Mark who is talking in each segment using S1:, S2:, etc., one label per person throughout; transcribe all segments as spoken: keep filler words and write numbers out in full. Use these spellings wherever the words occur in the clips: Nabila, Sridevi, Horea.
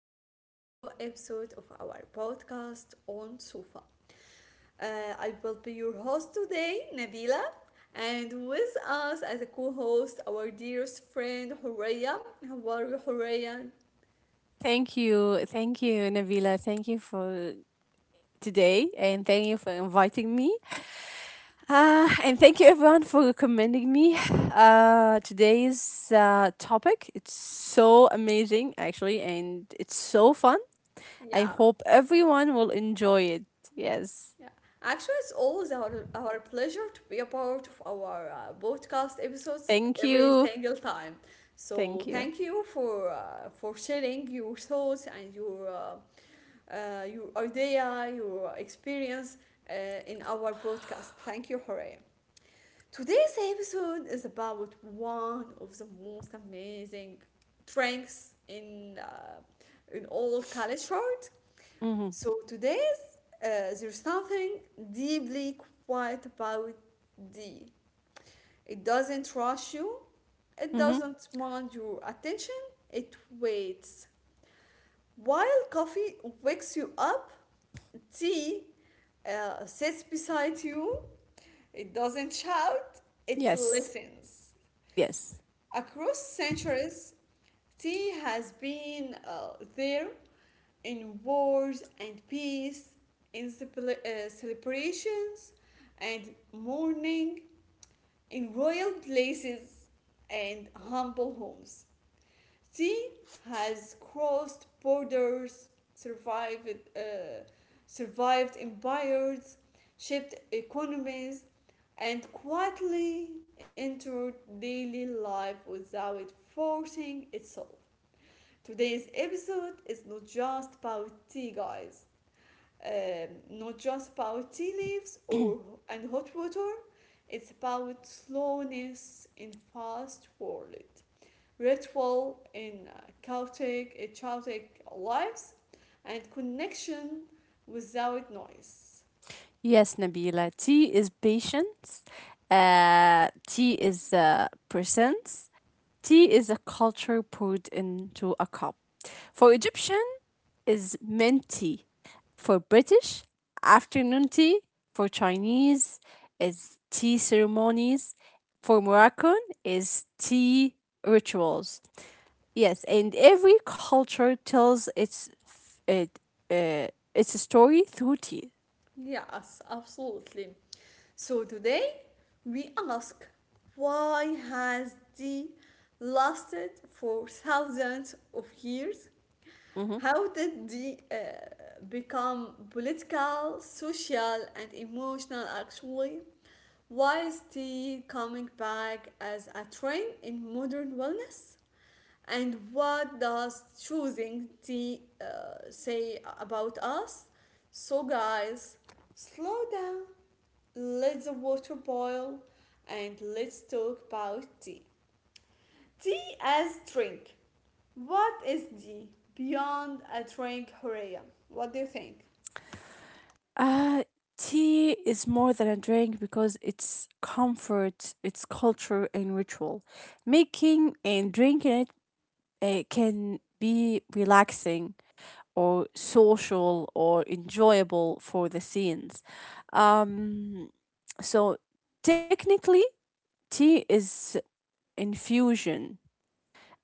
S1: back to a new episode of our podcast on Sofa. Uh, I will be your host today, Nabila, and with us as a co host, our dearest friend, Horea. How are you, Horea?
S2: Thank you. Thank you, Nabila. Thank you for today and thank you for inviting me. Uh, and thank you everyone for recommending me. Uh, today's uh, topic, it's so amazing actually, and it's so fun. I
S1: Yeah,
S2: hope everyone will enjoy it. Yes.
S1: yeah, actually, it's always our, our pleasure to be a part of our uh, podcast episodes
S2: Thank
S1: every
S2: you.
S1: single time. So
S2: Thank you.
S1: thank you for uh, for sharing your thoughts and your uh, uh, your idea, your experience uh, in our podcast. Thank you, Horea. Today's episode is about one of the most amazing drinks in uh, in all culture.
S2: Mhm.
S1: So today's uh, there's something deeply quiet about D. It doesn't rush you. It
S2: Mhm.
S1: doesn't want your attention. It waits. While coffee wakes you up, tea uh, sits beside you. It doesn't shout. It
S2: Yes.
S1: listens.
S2: Yes.
S1: Across centuries, tea has been uh, there in wars and peace, in cele- uh, celebrations and mourning, in royal places and humble homes. She has crossed borders, survived, uh, survived empires, shaped economies, and quietly entered daily life without forcing itself. Today's episode is not just about tea, guys um, not just about tea leaves or and hot water. It's about slowness in fast world, ritual in uh, chaotic, uh, chaotic lives, and connection without noise.
S2: Yes, Nabila. T is patience. Uh, T is uh, presence. Tea is a culture poured into a cup. For Egyptian is mint tea. For British, afternoon tea. For Chinese is tea ceremonies. For Moroccan is tea rituals. Yes, and every culture tells its th- it, uh, its story through tea.
S1: Yes, absolutely. So today we ask, why has tea lasted for thousands of years?
S2: Mhm.
S1: How did tea uh, become political, social, and emotional actually? Why is tea coming back as a trend in modern wellness? And what does choosing tea uh, say about us? So, guys, slow down, let the water boil, and let's talk about tea. Tea as drink. What is tea beyond a drink, Horea? What do you think?
S2: Uh, tea is more than a drink because it's comfort, it's culture, and ritual. Making and drinking it uh, can be relaxing or social or enjoyable for the scenes. Um, so technically, tea is infusion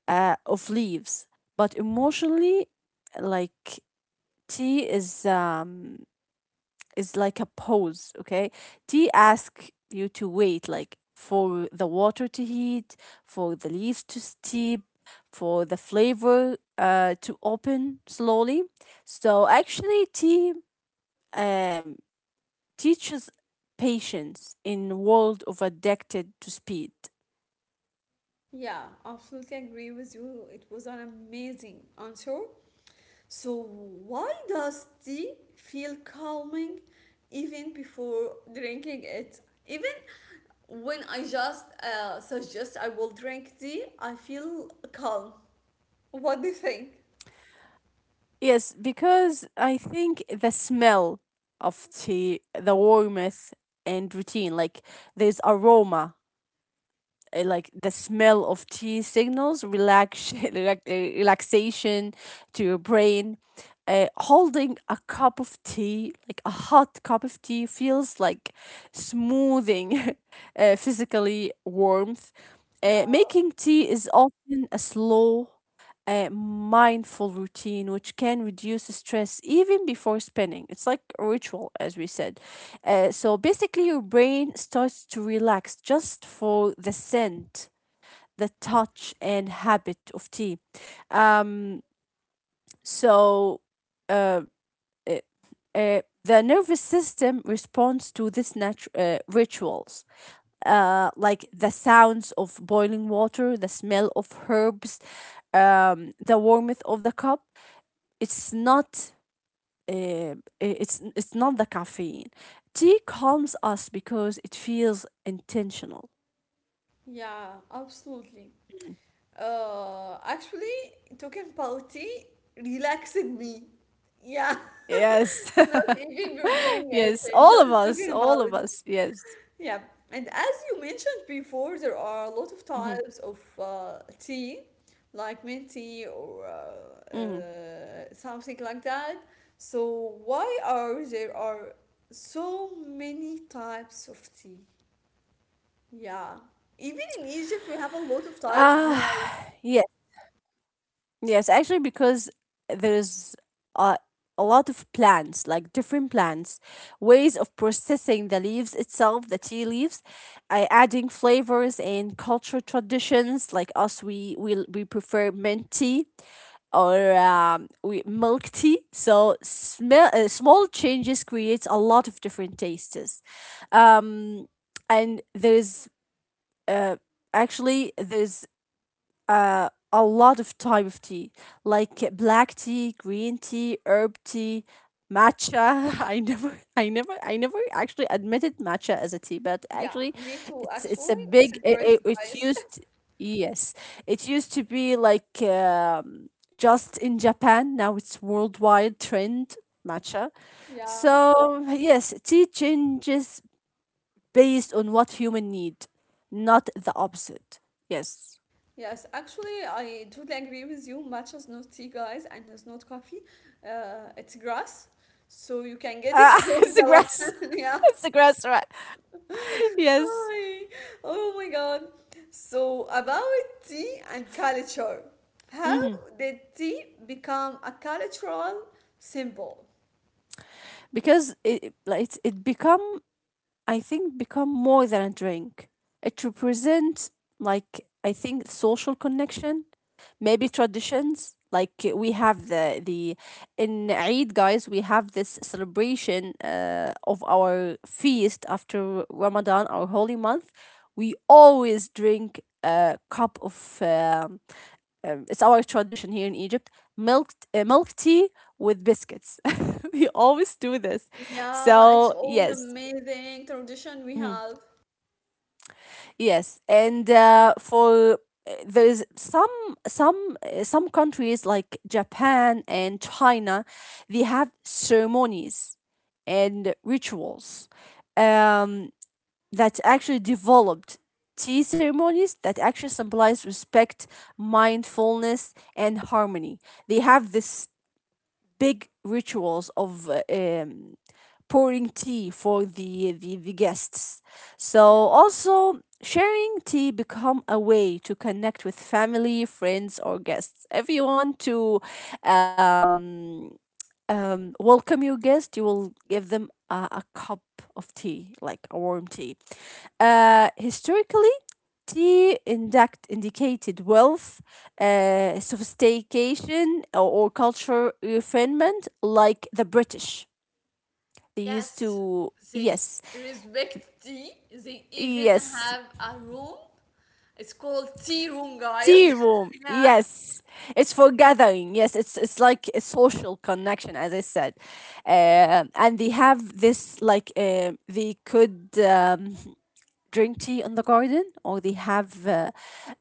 S2: uh, of leaves, but emotionally, like tea is um is like a pause, okay? Tea asks you to wait, like for the water to heat, for the leaves to steep, for the flavor uh, to open slowly. So actually, tea um, teaches patience in world of addicted to speed.
S1: Yeah, absolutely agree with you. It was an amazing answer. So, why does tea feel calming even before drinking it? Even when I just uh, suggest I will drink tea, I feel calm. What do you think?
S2: Yes, because I think the smell of tea, the warmth and routine, like there's aroma uh, like the smell of tea signals relax, relax- uh, relaxation to your brain. Uh, holding a cup of tea, like a hot cup of tea, feels like smoothing uh, physically warmth.
S1: Yeah.
S2: Uh, making tea is often a slow a mindful routine which can reduce stress even before spinning. It's like a ritual, as we said. Uh, so basically, your brain starts to relax just for the scent, the touch, and habit of tea. Um, so uh, uh, uh, the nervous system responds to this natu- uh, rituals. Uh, like the sounds of boiling water, the smell of herbs, um, the warmth of the cup it's not uh, it's it's not the caffeine. Tea calms us because it feels intentional.
S1: Yeah, absolutely. Uh, actually, talking about tea relaxed me. Yeah,
S2: Yes,
S1: not even preparing it,
S2: yes, all of
S1: just
S2: us,
S1: talking about.
S2: all of us. Yes.
S1: Yeah, and as you mentioned before, there are a lot of
S2: Mm-hmm.
S1: types of uh, tea, like mint tea or uh, uh,
S2: Mm-hmm.
S1: something like that. So why are there are so many types of tea? Yeah. Even in Egypt, we have a lot of types now.
S2: Ah, yes. Yes, actually, because there's a, a lot of plants, like different plants, ways of processing the leaves itself, the tea leaves, uh, adding flavors and cultural traditions. Like us, we we, we prefer mint tea or um, we, milk tea. So smell, uh, small changes creates a lot of different tastes. Um, and there's uh, actually there's uh, a lot of type of tea, like black tea, green tea, herb tea, matcha. I never, I never, I never actually admitted matcha as a tea, but
S1: Yeah,
S2: actually,
S1: me too,
S2: it's it's a
S1: actually. It's a
S2: big. It,
S1: great
S2: it, it
S1: guys.
S2: used yes, it used to be like um, just in Japan. Now it's worldwide trend matcha.
S1: Yeah.
S2: So yes, tea changes based on what human need, not the opposite. Yes.
S1: Yes, actually, I totally agree with you. Matcha is not tea, guys, and it's not coffee. Uh, it's grass, so you can get it
S2: Uh,
S1: from
S2: it's the
S1: the
S2: grass.
S1: land. Yeah.
S2: It's the grass, right? Yes.
S1: Ay, oh my God. So, about tea and culture, how
S2: Hmm.
S1: did tea become a cultural symbol?
S2: Because it like it's, it become I think become more than a drink. It represents like I think social connection, maybe traditions. Like uh, we have the the in Eid, guys, we have this celebration uh, of our feast after Ramadan, our holy month. We always drink a cup of. um um, it's our tradition here in Egypt, milk uh, milk tea with biscuits. We always do this.
S1: Yeah, it's
S2: So
S1: all
S2: yes,
S1: amazing tradition we
S2: mm,
S1: have.
S2: yes, and uh, for uh, there's some some uh, some countries like Japan and China, they have ceremonies and rituals um, that actually developed tea ceremonies that actually symbolize respect, mindfulness, and harmony. They have this big rituals of uh, um, pouring tea for the, the, the guests. So also sharing tea become a way to connect with family, friends, or guests. If you want to um, um, welcome your guest, you will give them a, a cup of tea, like a warm tea. Uh, historically, T indact indicated wealth, uh, sophistication, or, or cultural refinement, like the British. They used
S1: Yes,
S2: to,
S1: they
S2: yes,
S1: respect tea. They even
S2: yes,
S1: have a room. It's called tea room,
S2: tea
S1: guys.
S2: room,
S1: Yeah.
S2: yes. It's for gathering, yes. It's it's like a social connection, as I said, uh, and they have this like uh, they could. Um, drink tea in the garden or they have uh,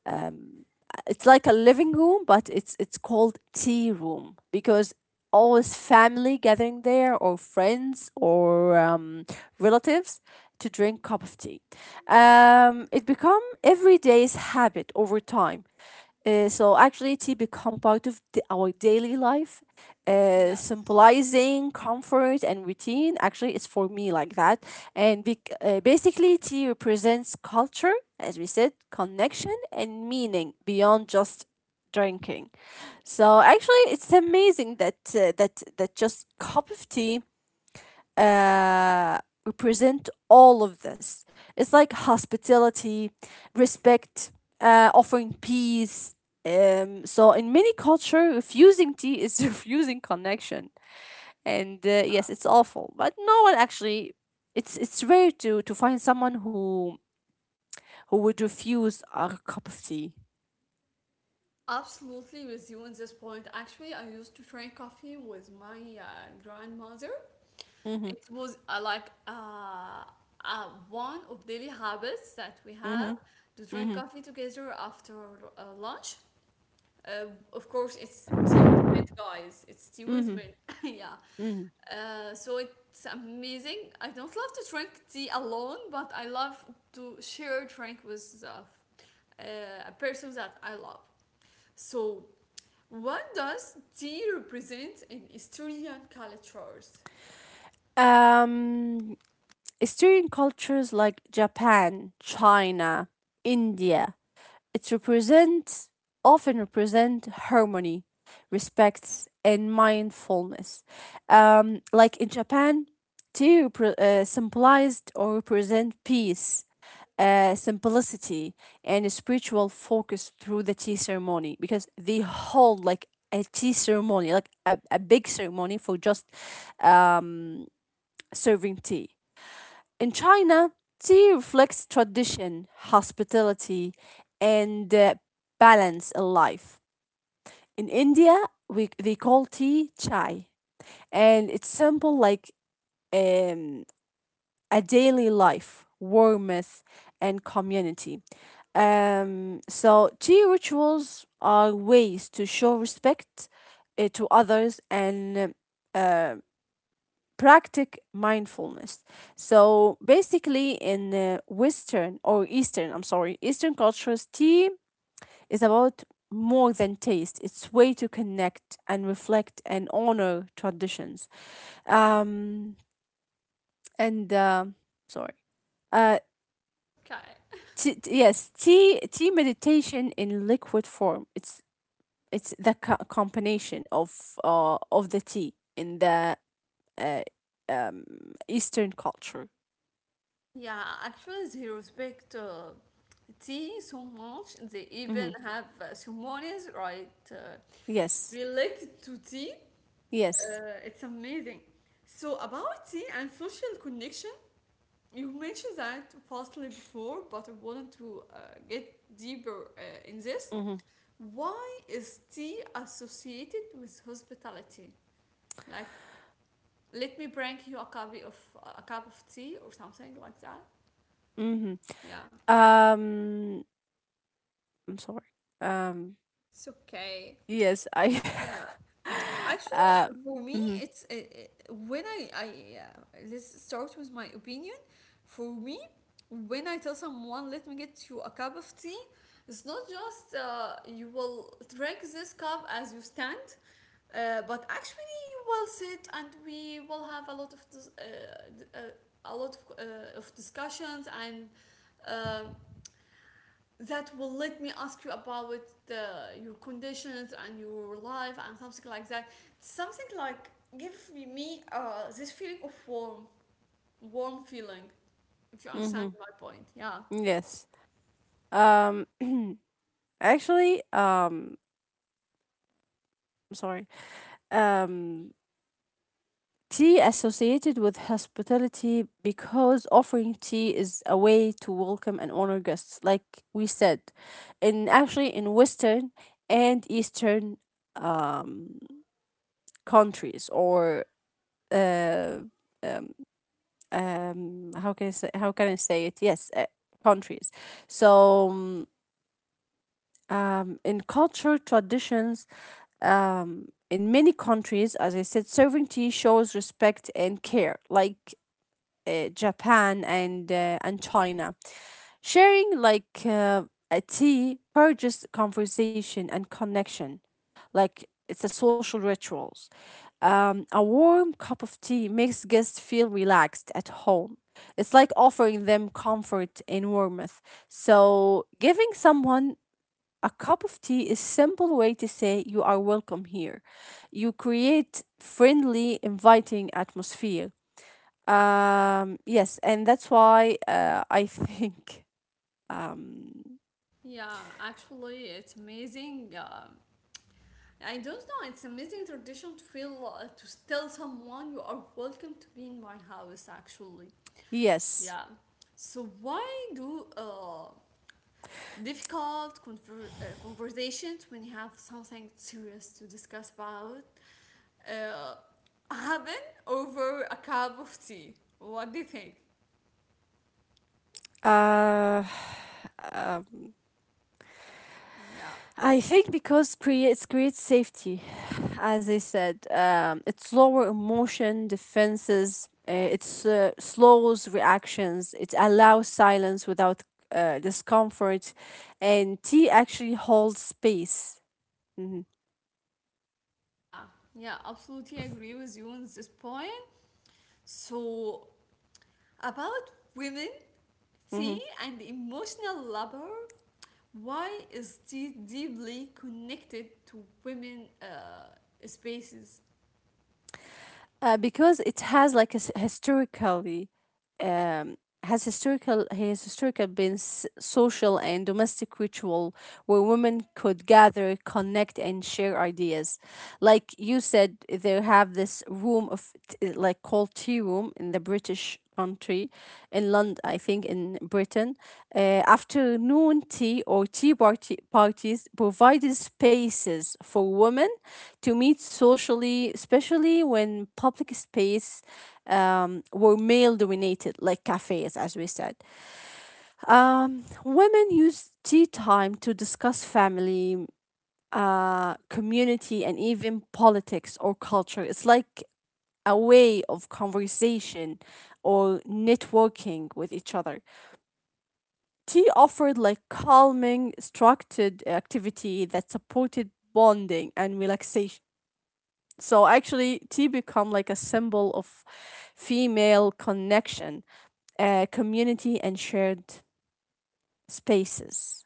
S2: um, it's like a living room, but it's it's called tea room because always family gathering there or friends or um, relatives to drink cup of tea. Um, it become everyday's habit over time. Uh, so actually, tea become part of the, our daily life, uh,
S1: Yes.
S2: symbolizing comfort and routine. Actually, it's for me like that. And bec- uh, basically, tea represents culture, as we said, connection and meaning beyond just drinking. So actually, it's amazing that uh, that that just cup of tea uh, represent all of this. It's like hospitality, respect, uh, offering peace. Um, so in many culture, refusing tea is refusing connection, and uh,
S1: Yeah,
S2: yes, it's awful. But no one actually. It's it's rare to to find someone who who would refuse a cup of tea.
S1: absolutely with you on this point. Actually, I used to drink coffee with my uh, grandmother.
S2: Mm-hmm.
S1: It was uh, like uh, uh, one of daily habits that we
S2: Mm-hmm.
S1: have to drink
S2: Mm-hmm.
S1: coffee together after uh, lunch. Uh, of course, it's tea with mint, guys. It's tea with
S2: Mm-hmm.
S1: mint. Yeah.
S2: Mm-hmm.
S1: Uh, so it's amazing. I don't love to drink tea alone, but I love to share drink with uh, uh, a person that I love. So, what does tea represent in Estonian cultures?
S2: Um, Eastern cultures like Japan, China, India, it represents often represent harmony, respects, and mindfulness. Um, like in Japan, tea repre- uh, symbolized or represent peace, uh, simplicity, and a spiritual focus through the tea ceremony because they hold like a tea ceremony, like a, a big ceremony for just um, serving tea. In China, tea reflects tradition, hospitality, and uh, balance in life. In India, we, they call tea chai, and it's simple like um, a daily life, warmth, and community. Um, so, tea rituals are ways to show respect uh, to others and uh, practice mindfulness. So basically, in uh, Western or Eastern, I'm sorry, Eastern cultures, tea is about more than taste. It's way to connect and reflect and honor traditions. Um, and uh, sorry, uh,
S1: Okay.
S2: t- t- yes, tea tea meditation in liquid form. It's it's the co- combination of uh, of the tea in the uh, um, Eastern culture.
S1: Yeah, actually, they respect uh, tea so much. They
S2: Hmm.
S1: even have uh, ceremonies, right, uh,
S2: Yes.
S1: related to tea.
S2: Yes.
S1: Uh, it's amazing. So, about tea and social connection, you mentioned that vastly before, but I wanted to uh, get deeper uh, in this.
S2: Mm-hmm.
S1: Why is tea associated with hospitality? Like, let me bring you a copy of a cup of tea or something like that.
S2: Mm-hmm.
S1: Yeah.
S2: Um, I'm sorry. Um,
S1: It's okay.
S2: yes, I.
S1: Yeah. Actually,
S2: Um.
S1: for me,
S2: mm
S1: it's uh, uh, when I, I uh, let's start with my opinion. For me, when I tell someone, let me get you a cup of tea, it's not just uh, you will drink this cup as you stand, uh, but actually you will sit and we will have a lot of dis- uh, d- uh, a lot of, uh, of discussions and um that will let me ask you about the, your conditions and your life and something like that. Something like give me- me uh, this feeling of warm, warm feeling. If you understand
S2: hmm.
S1: my point, yeah,
S2: Yes. Um. Actually. Um. I'm Sorry. Um. Tea associated with hospitality because offering tea is a way to welcome and honor guests, like we said, and actually in Western and Eastern um countries or um how can I say, how can I say it? Yes, uh, countries. So um, um, in cultural traditions, um, in many countries, as I said, serving tea shows respect and care, like uh, Japan and uh, and China. Sharing like uh, a tea purges conversation and connection like it's a social rituals. Um, a warm cup of tea makes guests feel relaxed at home. It's like offering them comfort and warmth. So giving someone a cup of tea is simple way to say you are welcome here. You create friendly, inviting atmosphere. Um, yes, and that's why uh, I think um,
S1: yeah. Actually, it's amazing. Um, I don't know. It's amazing tradition to feel uh, to tell someone you are welcome to be in my house. Actually,
S2: yes.
S1: yeah. So why do uh, difficult conver- uh, conversations when you have something serious to discuss about uh, happen over a cup of tea. What do you think?
S2: Uh, um,
S1: Yeah.
S2: I think because creates creates safety, as I said, um, it's lower emotion defenses. Uh, it's uh, slows reactions. It allows silence without uh, discomfort, and tea actually holds space. Hmm.
S1: Yeah, yeah, absolutely agree with you on this point. So, about women,
S2: Hmm.
S1: tea, and emotional labor, why is tea deeply connected to women uh, spaces.
S2: Uh, because it has like a s- historically um, has historical has historical been s- social and domestic ritual where women could gather, connect, and share ideas. Like you said, they have this room of t- like called tea room in the British country, in London, I think in Britain. Uh, afternoon tea or tea party- parties provided spaces for women to meet socially, especially when public space um, were male dominated, like cafes, as we said. Um, women used tea time to discuss family, uh, community and even politics or culture. It's like a way of conversation or networking with each other. Tea offered like calming, structured activity that supported bonding and relaxation. So actually, tea become like a symbol of female connection, uh, community, and shared spaces.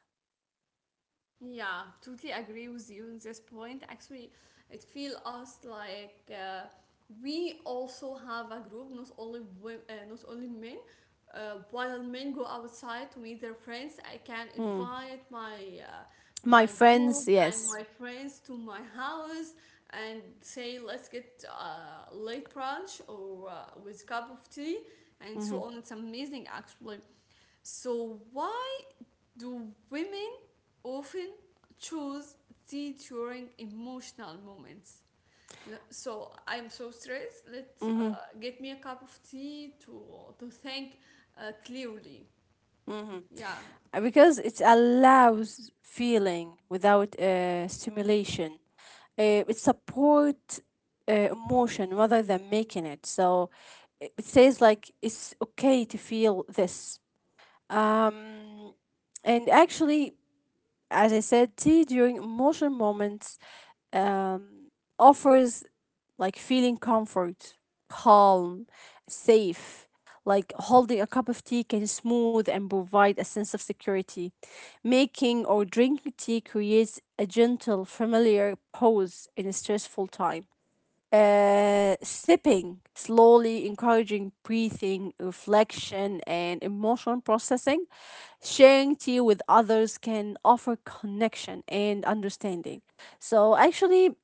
S1: Yeah, totally agree with you on this point. Actually, it feels us like uh, we also have a group, not only women, uh, not only men. Uh, while men go outside to meet their friends, I can
S2: Hmm.
S1: invite my uh,
S2: My
S1: my group
S2: friends,
S1: and
S2: yes.
S1: my friends to my house and say, let's get uh, late brunch or uh, with cup of tea and
S2: Mm-hmm.
S1: so on. It's amazing, actually. So why do women often choose tea during emotional moments? L- So I'm so stressed. Let's uh,
S2: Mm-hmm.
S1: get me a cup of tea to to think uh, clearly.
S2: Mm-hmm.
S1: Yeah.
S2: Uh, because it allows feeling without uh, stimulation. Uh, it supports uh, emotion rather than making it. So it it says like it's okay to feel this. Um, and actually, as I said, tea during emotional moments um, offers like feeling comfort, calm, safe. Like holding a cup of tea can smooth and provide a sense of security. Making or drinking tea creates a gentle, familiar pause in a stressful time. Uh, sipping, slowly encouraging breathing, reflection, and emotional processing. Sharing tea with others can offer connection and understanding. So, actually,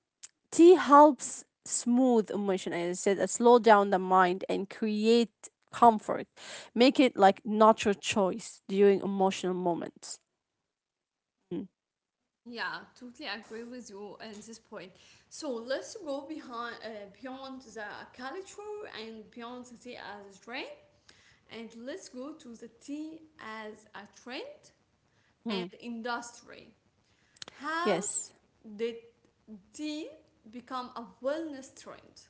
S2: tea helps smooth emotion, as I said, uh, slow down the mind and create comfort. Make it like natural choice during emotional moments. Mm.
S1: Yeah, totally agree with you on this point. So let's go behind uh, beyond the culture and beyond the tea as a trend, and let's go to the tea as a trend and
S2: Mm.
S1: industry. How
S2: Yes.
S1: did tea become a wellness trend?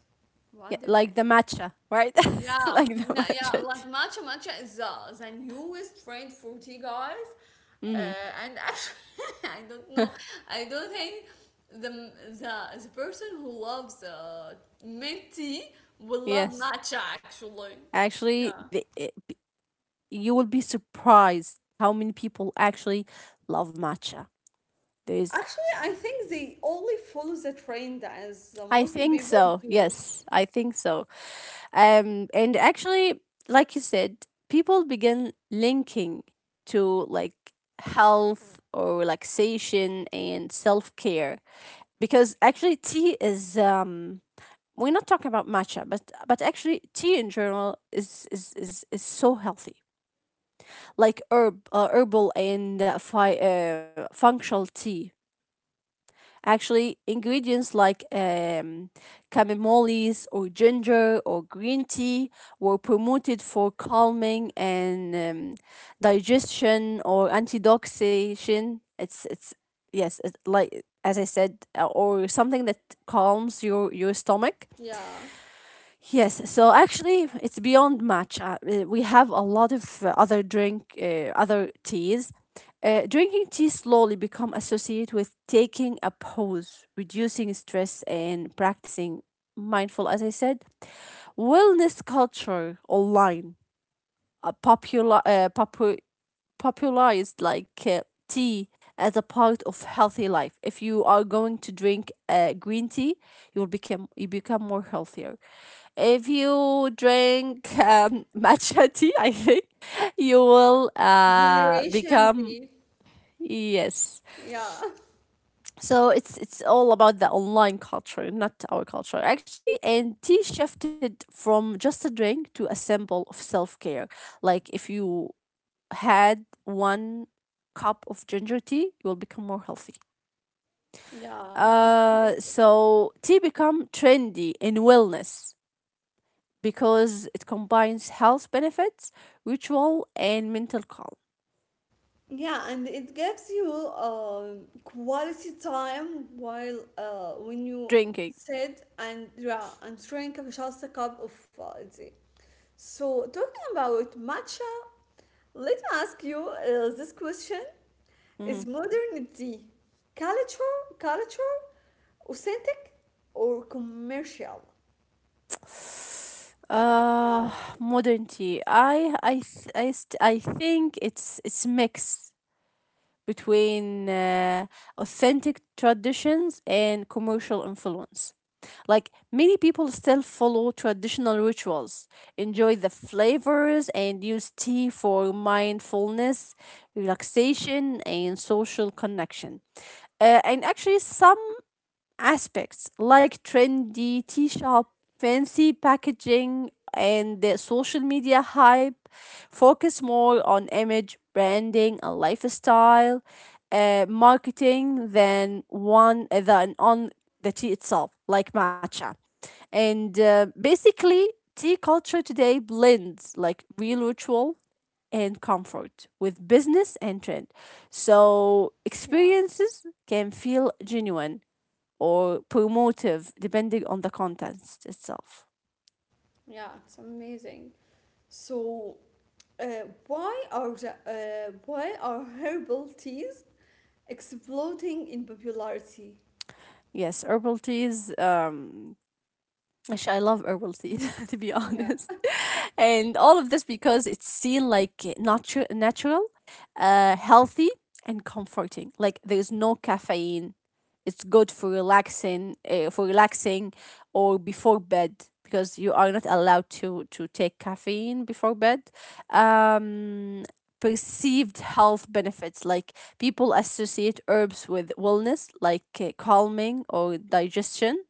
S2: Yeah,
S1: What do you
S2: like
S1: think?
S2: the matcha, right? Like
S1: Yeah,
S2: the
S1: no, yeah,
S2: matcha tea.
S1: like matcha matcha is the the newest trend for tea, guys.
S2: Hmm.
S1: Uh, and actually, I don't know, I don't think the the, the person who loves uh, mint tea will love
S2: Yes.
S1: matcha actually.
S2: Actually,
S1: Yeah.
S2: the, it, you will be surprised how many people actually love matcha. There's
S1: Actually, I think they only follow the trend as uh,
S2: I
S1: most
S2: think
S1: people
S2: so.
S1: do.
S2: Yes, I think so. Um, and actually, like you said, people begin linking to like health or relaxation and self care because actually tea is um we're not talking about matcha, but but actually tea in general is is is, is so healthy, like herb uh, herbal and uh, fi- uh, functional tea. Actually, ingredients like um, camemoles or ginger or green tea were promoted for calming and um, digestion or antidoxation. It's it's yes, it's like as I said, uh, or something that calms your your stomach.
S1: Yeah.
S2: Yes, so actually it's beyond matcha. Uh, We have a lot of uh, other drink, uh, other teas. Uh, drinking tea slowly become associated with taking a pause, reducing stress, and practicing mindful. As I said, wellness culture online, a popular, uh, popu- popularized like uh, tea as a part of healthy life. If you are going to drink uh, green tea, you will become you become more healthier. If you drink um, matcha tea, I think you will uh,
S1: Generation
S2: become
S1: Z.
S2: yes.
S1: Yeah.
S2: So it's it's all about the online culture, not our culture actually. And tea shifted from just a drink to a symbol of self care. Like if you had one cup of ginger tea, you will become more healthy.
S1: Yeah,
S2: Uh,
S1: absolutely.
S2: so tea become trendy in wellness because it combines health benefits, ritual, and mental calm.
S1: Yeah, and it gives you um quality time while uh, when you
S2: Drinking.
S1: sit and yeah and drink just a cup of uh, tea. So talking about matcha, let me ask you uh, this question:
S2: Mhm.
S1: is modern tea culture culture authentic or commercial?
S2: Uh,
S1: Yeah.
S2: Modern tea. I I th- I, st- I think it's it's mix between uh, authentic traditions and commercial influence. Like many people still follow traditional rituals, enjoy the flavors, and use tea for mindfulness, relaxation, and social connection. Uh, and actually, some aspects like trendy tea shop, fancy packaging, and the social media hype focus more on image, branding, and lifestyle uh, marketing than one uh, than on the tea itself, like matcha. And uh, basically, tea culture today blends like real ritual and comfort with business and trend. So
S1: Yeah.
S2: experiences can feel genuine or promotive depending on the contents itself.
S1: Yeah, it's amazing. So, uh, why are the, uh, why are herbal teas exploding in popularity?
S2: Yes, herbal teas. Um, Actually, I love herbal tea, to be
S1: Yeah,
S2: honest. And all of this because it's seen like natu- natural, uh, healthy, and comforting. Like there's no caffeine. It's good for relaxing, uh, for relaxing, or before bed because you are not allowed to to take caffeine before bed. Um, Perceived health benefits like people associate herbs with wellness, like uh, calming or digestion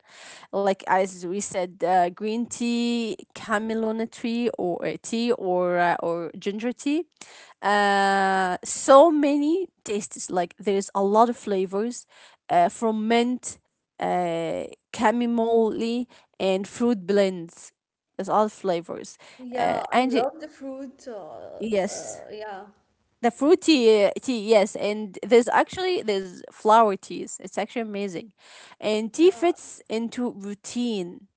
S2: like as we said, uh, green tea, chamomile tree, or uh, tea, or uh, or ginger tea. Uh, so many tastes. Like there's a lot of flavors, uh, from mint, uh, chamomile, and fruit blends. There's all flavors, uh,
S1: yeah, I
S2: and it-
S1: love the fruit. Uh,
S2: yes.
S1: uh, yeah,
S2: The fruity uh, tea, yes, and there's actually there's flower teas. It's actually amazing, and tea
S1: yeah,
S2: fits into routine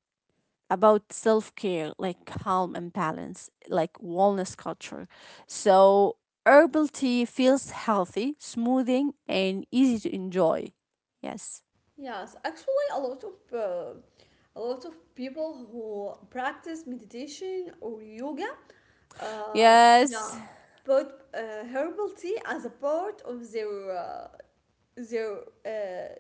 S2: about self care, like calm and balance, like wellness culture. So, herbal tea feels healthy, smoothing, and easy to enjoy. Yes.
S1: yes. Actually, a lot of uh, a lot of people who practice meditation or yoga, uh, yeah,
S2: Yes.
S1: put uh, herbal tea as a part of their uh, their uh,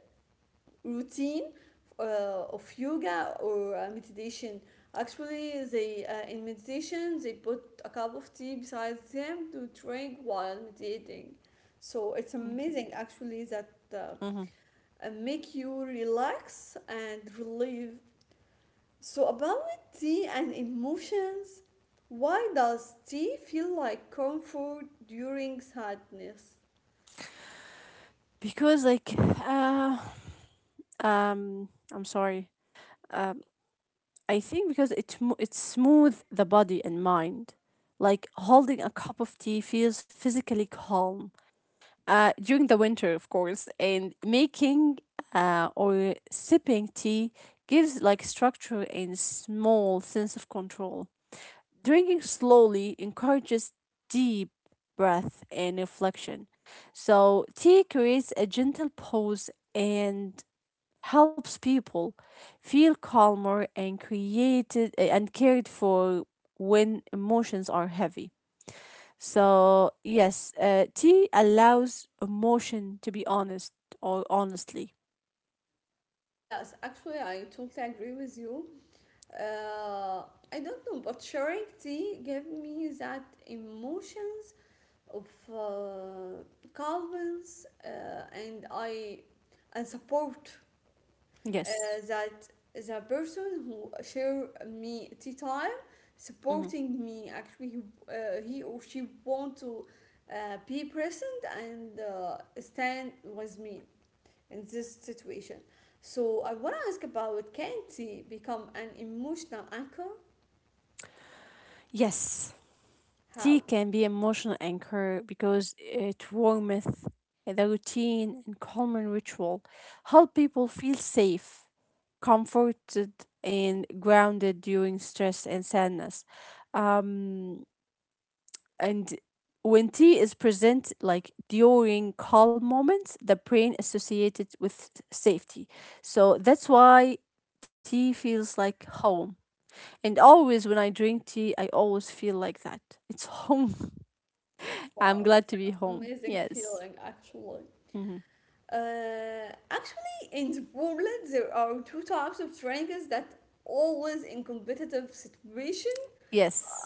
S1: routine uh, of yoga or uh, meditation. Actually, they uh, in meditation they put a cup of tea beside them to drink while meditating. So it's amazing actually that uh,
S2: Mhm.
S1: uh, make you relax and relieve. So about tea and emotions, why does tea feel like comfort during sadness?
S2: Because, like, uh, um, I'm sorry. Um, I think because it, mo- it smooth the body and mind. Like holding a cup of tea feels physically calm uh, during the winter, of course, and making uh, or sipping tea gives like structure and small sense of control. Drinking slowly encourages deep breath and reflection. So, tea creates a gentle pause and helps people feel calmer and created and cared for when emotions are heavy. So yes, uh, tea allows emotion to be honest or honestly.
S1: Yes, actually, I totally agree with you. Uh, I don't know, but sharing tea gave me that emotions of uh, calmness uh, and I and support uh,
S2: Yes.
S1: that the person who share me tea time
S2: Mhm.
S1: supporting me actually he, uh, he or she want to uh, be present and uh, stand with me in this situation. So I want to ask about, can tea become an emotional anchor?
S2: Yes, tea
S1: How?
S2: can be emotional anchor because it warmth, the routine and common ritual help people feel safe, comforted and grounded during stress and sadness. Um, And when tea is present, like during calm moments, the brain associated with safety. So that's why tea feels like home. And always when I drink tea, I always feel like that. It's home. I'm
S1: Wow,
S2: glad
S1: it's
S2: to be
S1: an
S2: home.
S1: amazing
S2: Yes.
S1: feeling actually.
S2: Hmm.
S1: Uh, actually, in the Wormlet, there are two types of drinkers that always in competitive situation.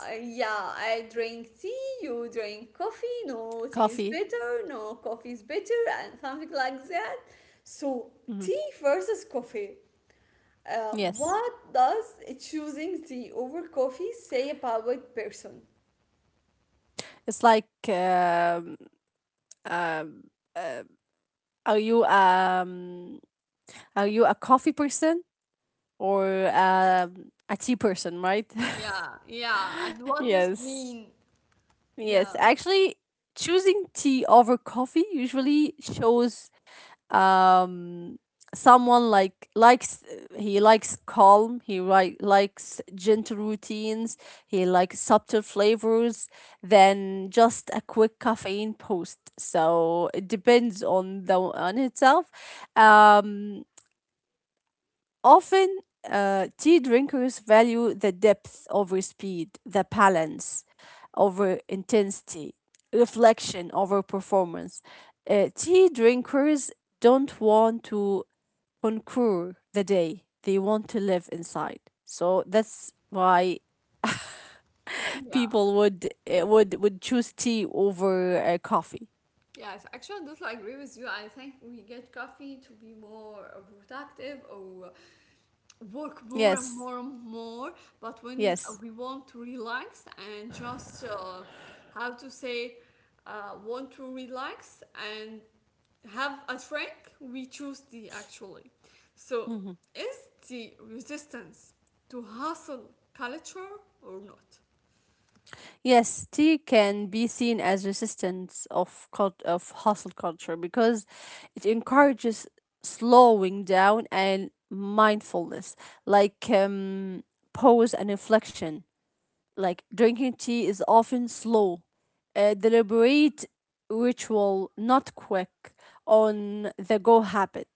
S1: Uh, yeah, I drink tea, you drink coffee, no tea is
S2: Coffee.
S1: better, no coffee is better, and something like that. So, tea
S2: Hmm.
S1: versus coffee. Uh,
S2: Yes.
S1: what does choosing tea over coffee say about a person?
S2: It's like, um, um, uh, are you um, are you a coffee person or um, a tea person, right?
S1: Yeah, yeah. And what does this
S2: Yes.
S1: mean?
S2: Yes.
S1: Yeah,
S2: Actually, choosing tea over coffee usually shows um someone like likes he likes calm, he like likes gentle routines, he likes subtle flavors than just a quick caffeine post. So it depends on the on itself. Um Often, uh, tea drinkers value the depth over speed, the balance over intensity, reflection over performance. Uh, tea drinkers don't want to conquer the day, they want to live inside. So that's why
S1: yeah,
S2: people would uh, would would choose tea over uh, coffee.
S1: yes. Actually, Dutla, I totally agree with you. I think we get coffee to be more productive or work more and
S2: Yes,
S1: more and more. But when
S2: yes.
S1: we want to relax and just uh, how to say, uh, want to relax and have a drink, we choose tea actually. So,
S2: Mm.
S1: is the resistance to hustle culture or not?
S2: Yes, tea can be seen as resistance of cult- of hustle culture because it encourages slowing down and mindfulness, like um, pause and inflection like drinking tea is often slow, a deliberate ritual, not quick on the go habit.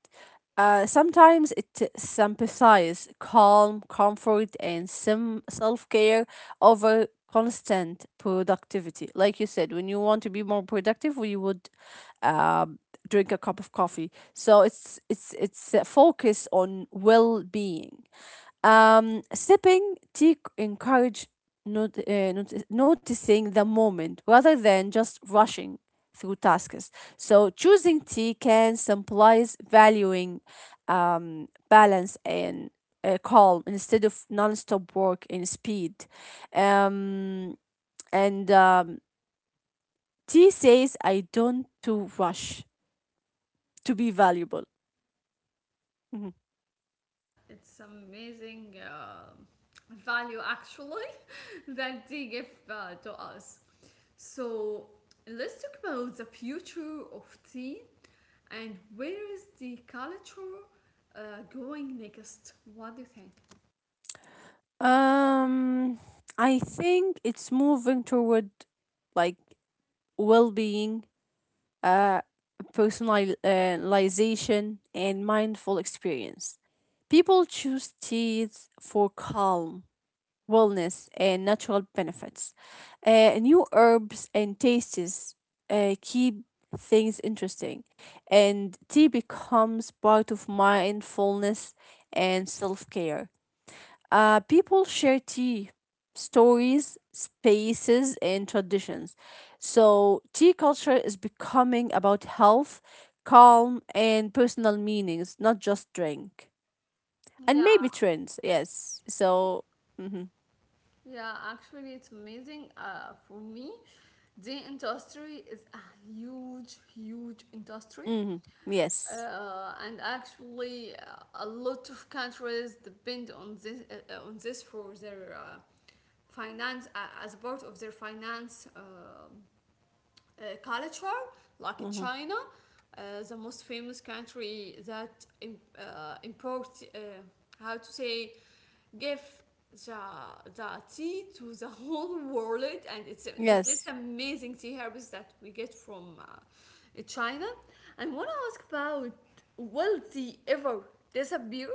S2: Uh, sometimes it sympathizes calm, comfort, and some self care over constant productivity. Like you said, when you want to be more productive, we would um, drink a cup of coffee. So it's it's it's a focus on well being. Um, sipping tea encourage not, uh, not, noticing the moment rather than just rushing through tasks. So choosing tea can symbolize valuing um, balance and uh, calm instead of non-stop work and speed. Um, and um, Tea says, "I don't to rush to be valuable." Mhm.
S1: Yeah, yeah, it's amazing uh, value actually that they give uh, to us. So let's talk about the future of tea and where is the culture uh, going next? What do you think?
S2: Um, I think it's moving toward like well being, uh, personalization, and mindful experience. People choose teas for calm, wellness, and natural benefits. Uh, new herbs and tastes uh, keep things interesting, and tea becomes part of mindfulness and self care. Uh, people share tea, stories, spaces, and traditions. So, tea culture is becoming about health, calm, and personal meanings, not just drink. And
S1: Yeah,
S2: maybe trends, yes. So, mm-hmm,
S1: yeah, actually, it's amazing. Uh, for me, the industry is a huge, huge industry.
S2: mm-hmm, yes.
S1: Uh, and actually, uh, a lot of countries depend on this uh, uh, on this for their uh, finance uh, as part of their finance uh, uh, culture like
S2: Mm-hmm.
S1: China, uh, the most famous country that im- uh, imports uh, how to say give the, the tea to the whole world and it's the most amazing tea herbs that we get from uh, China. And want to ask about will tea ever disappear?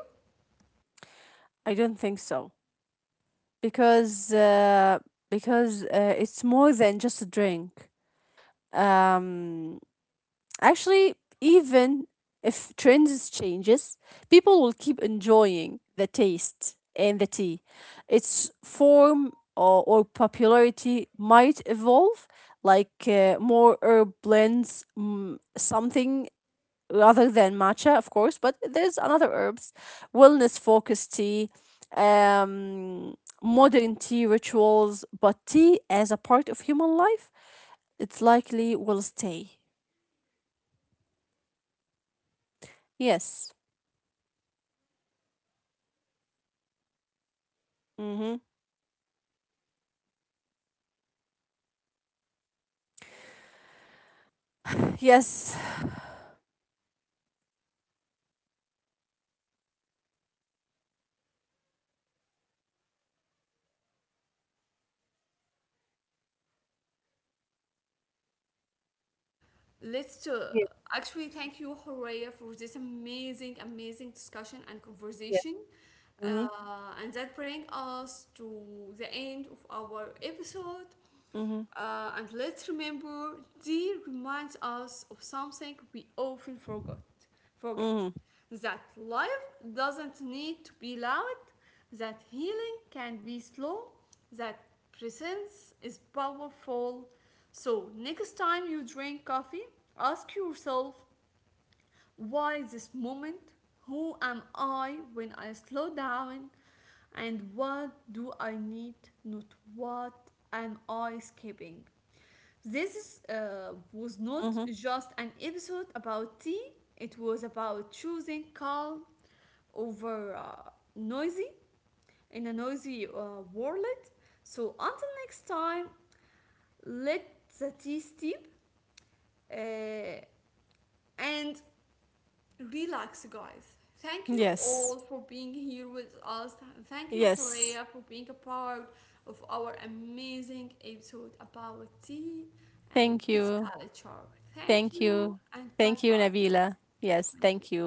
S1: Let's uh, Actually thank you Horea for this amazing amazing discussion and conversation uh, and that brings us to the end of our episode uh, and let's remember D reminds us of something we often forgot forget that life doesn't need to be loud, that healing can be slow, that presence is powerful. So, next time you drink coffee, ask yourself, why this moment? Who am I when I slow down? And what do I need? Not what am I skipping? This uh, was not just an episode about tea, it was about choosing calm over uh, noisy in a noisy uh, world. So until next time, let the tea steep uh, and relax, guys. Thank you all for being here with us. Thank you, Horea, for being a part of our amazing episode about tea and its culture. Thank you and bye bye. Thank you.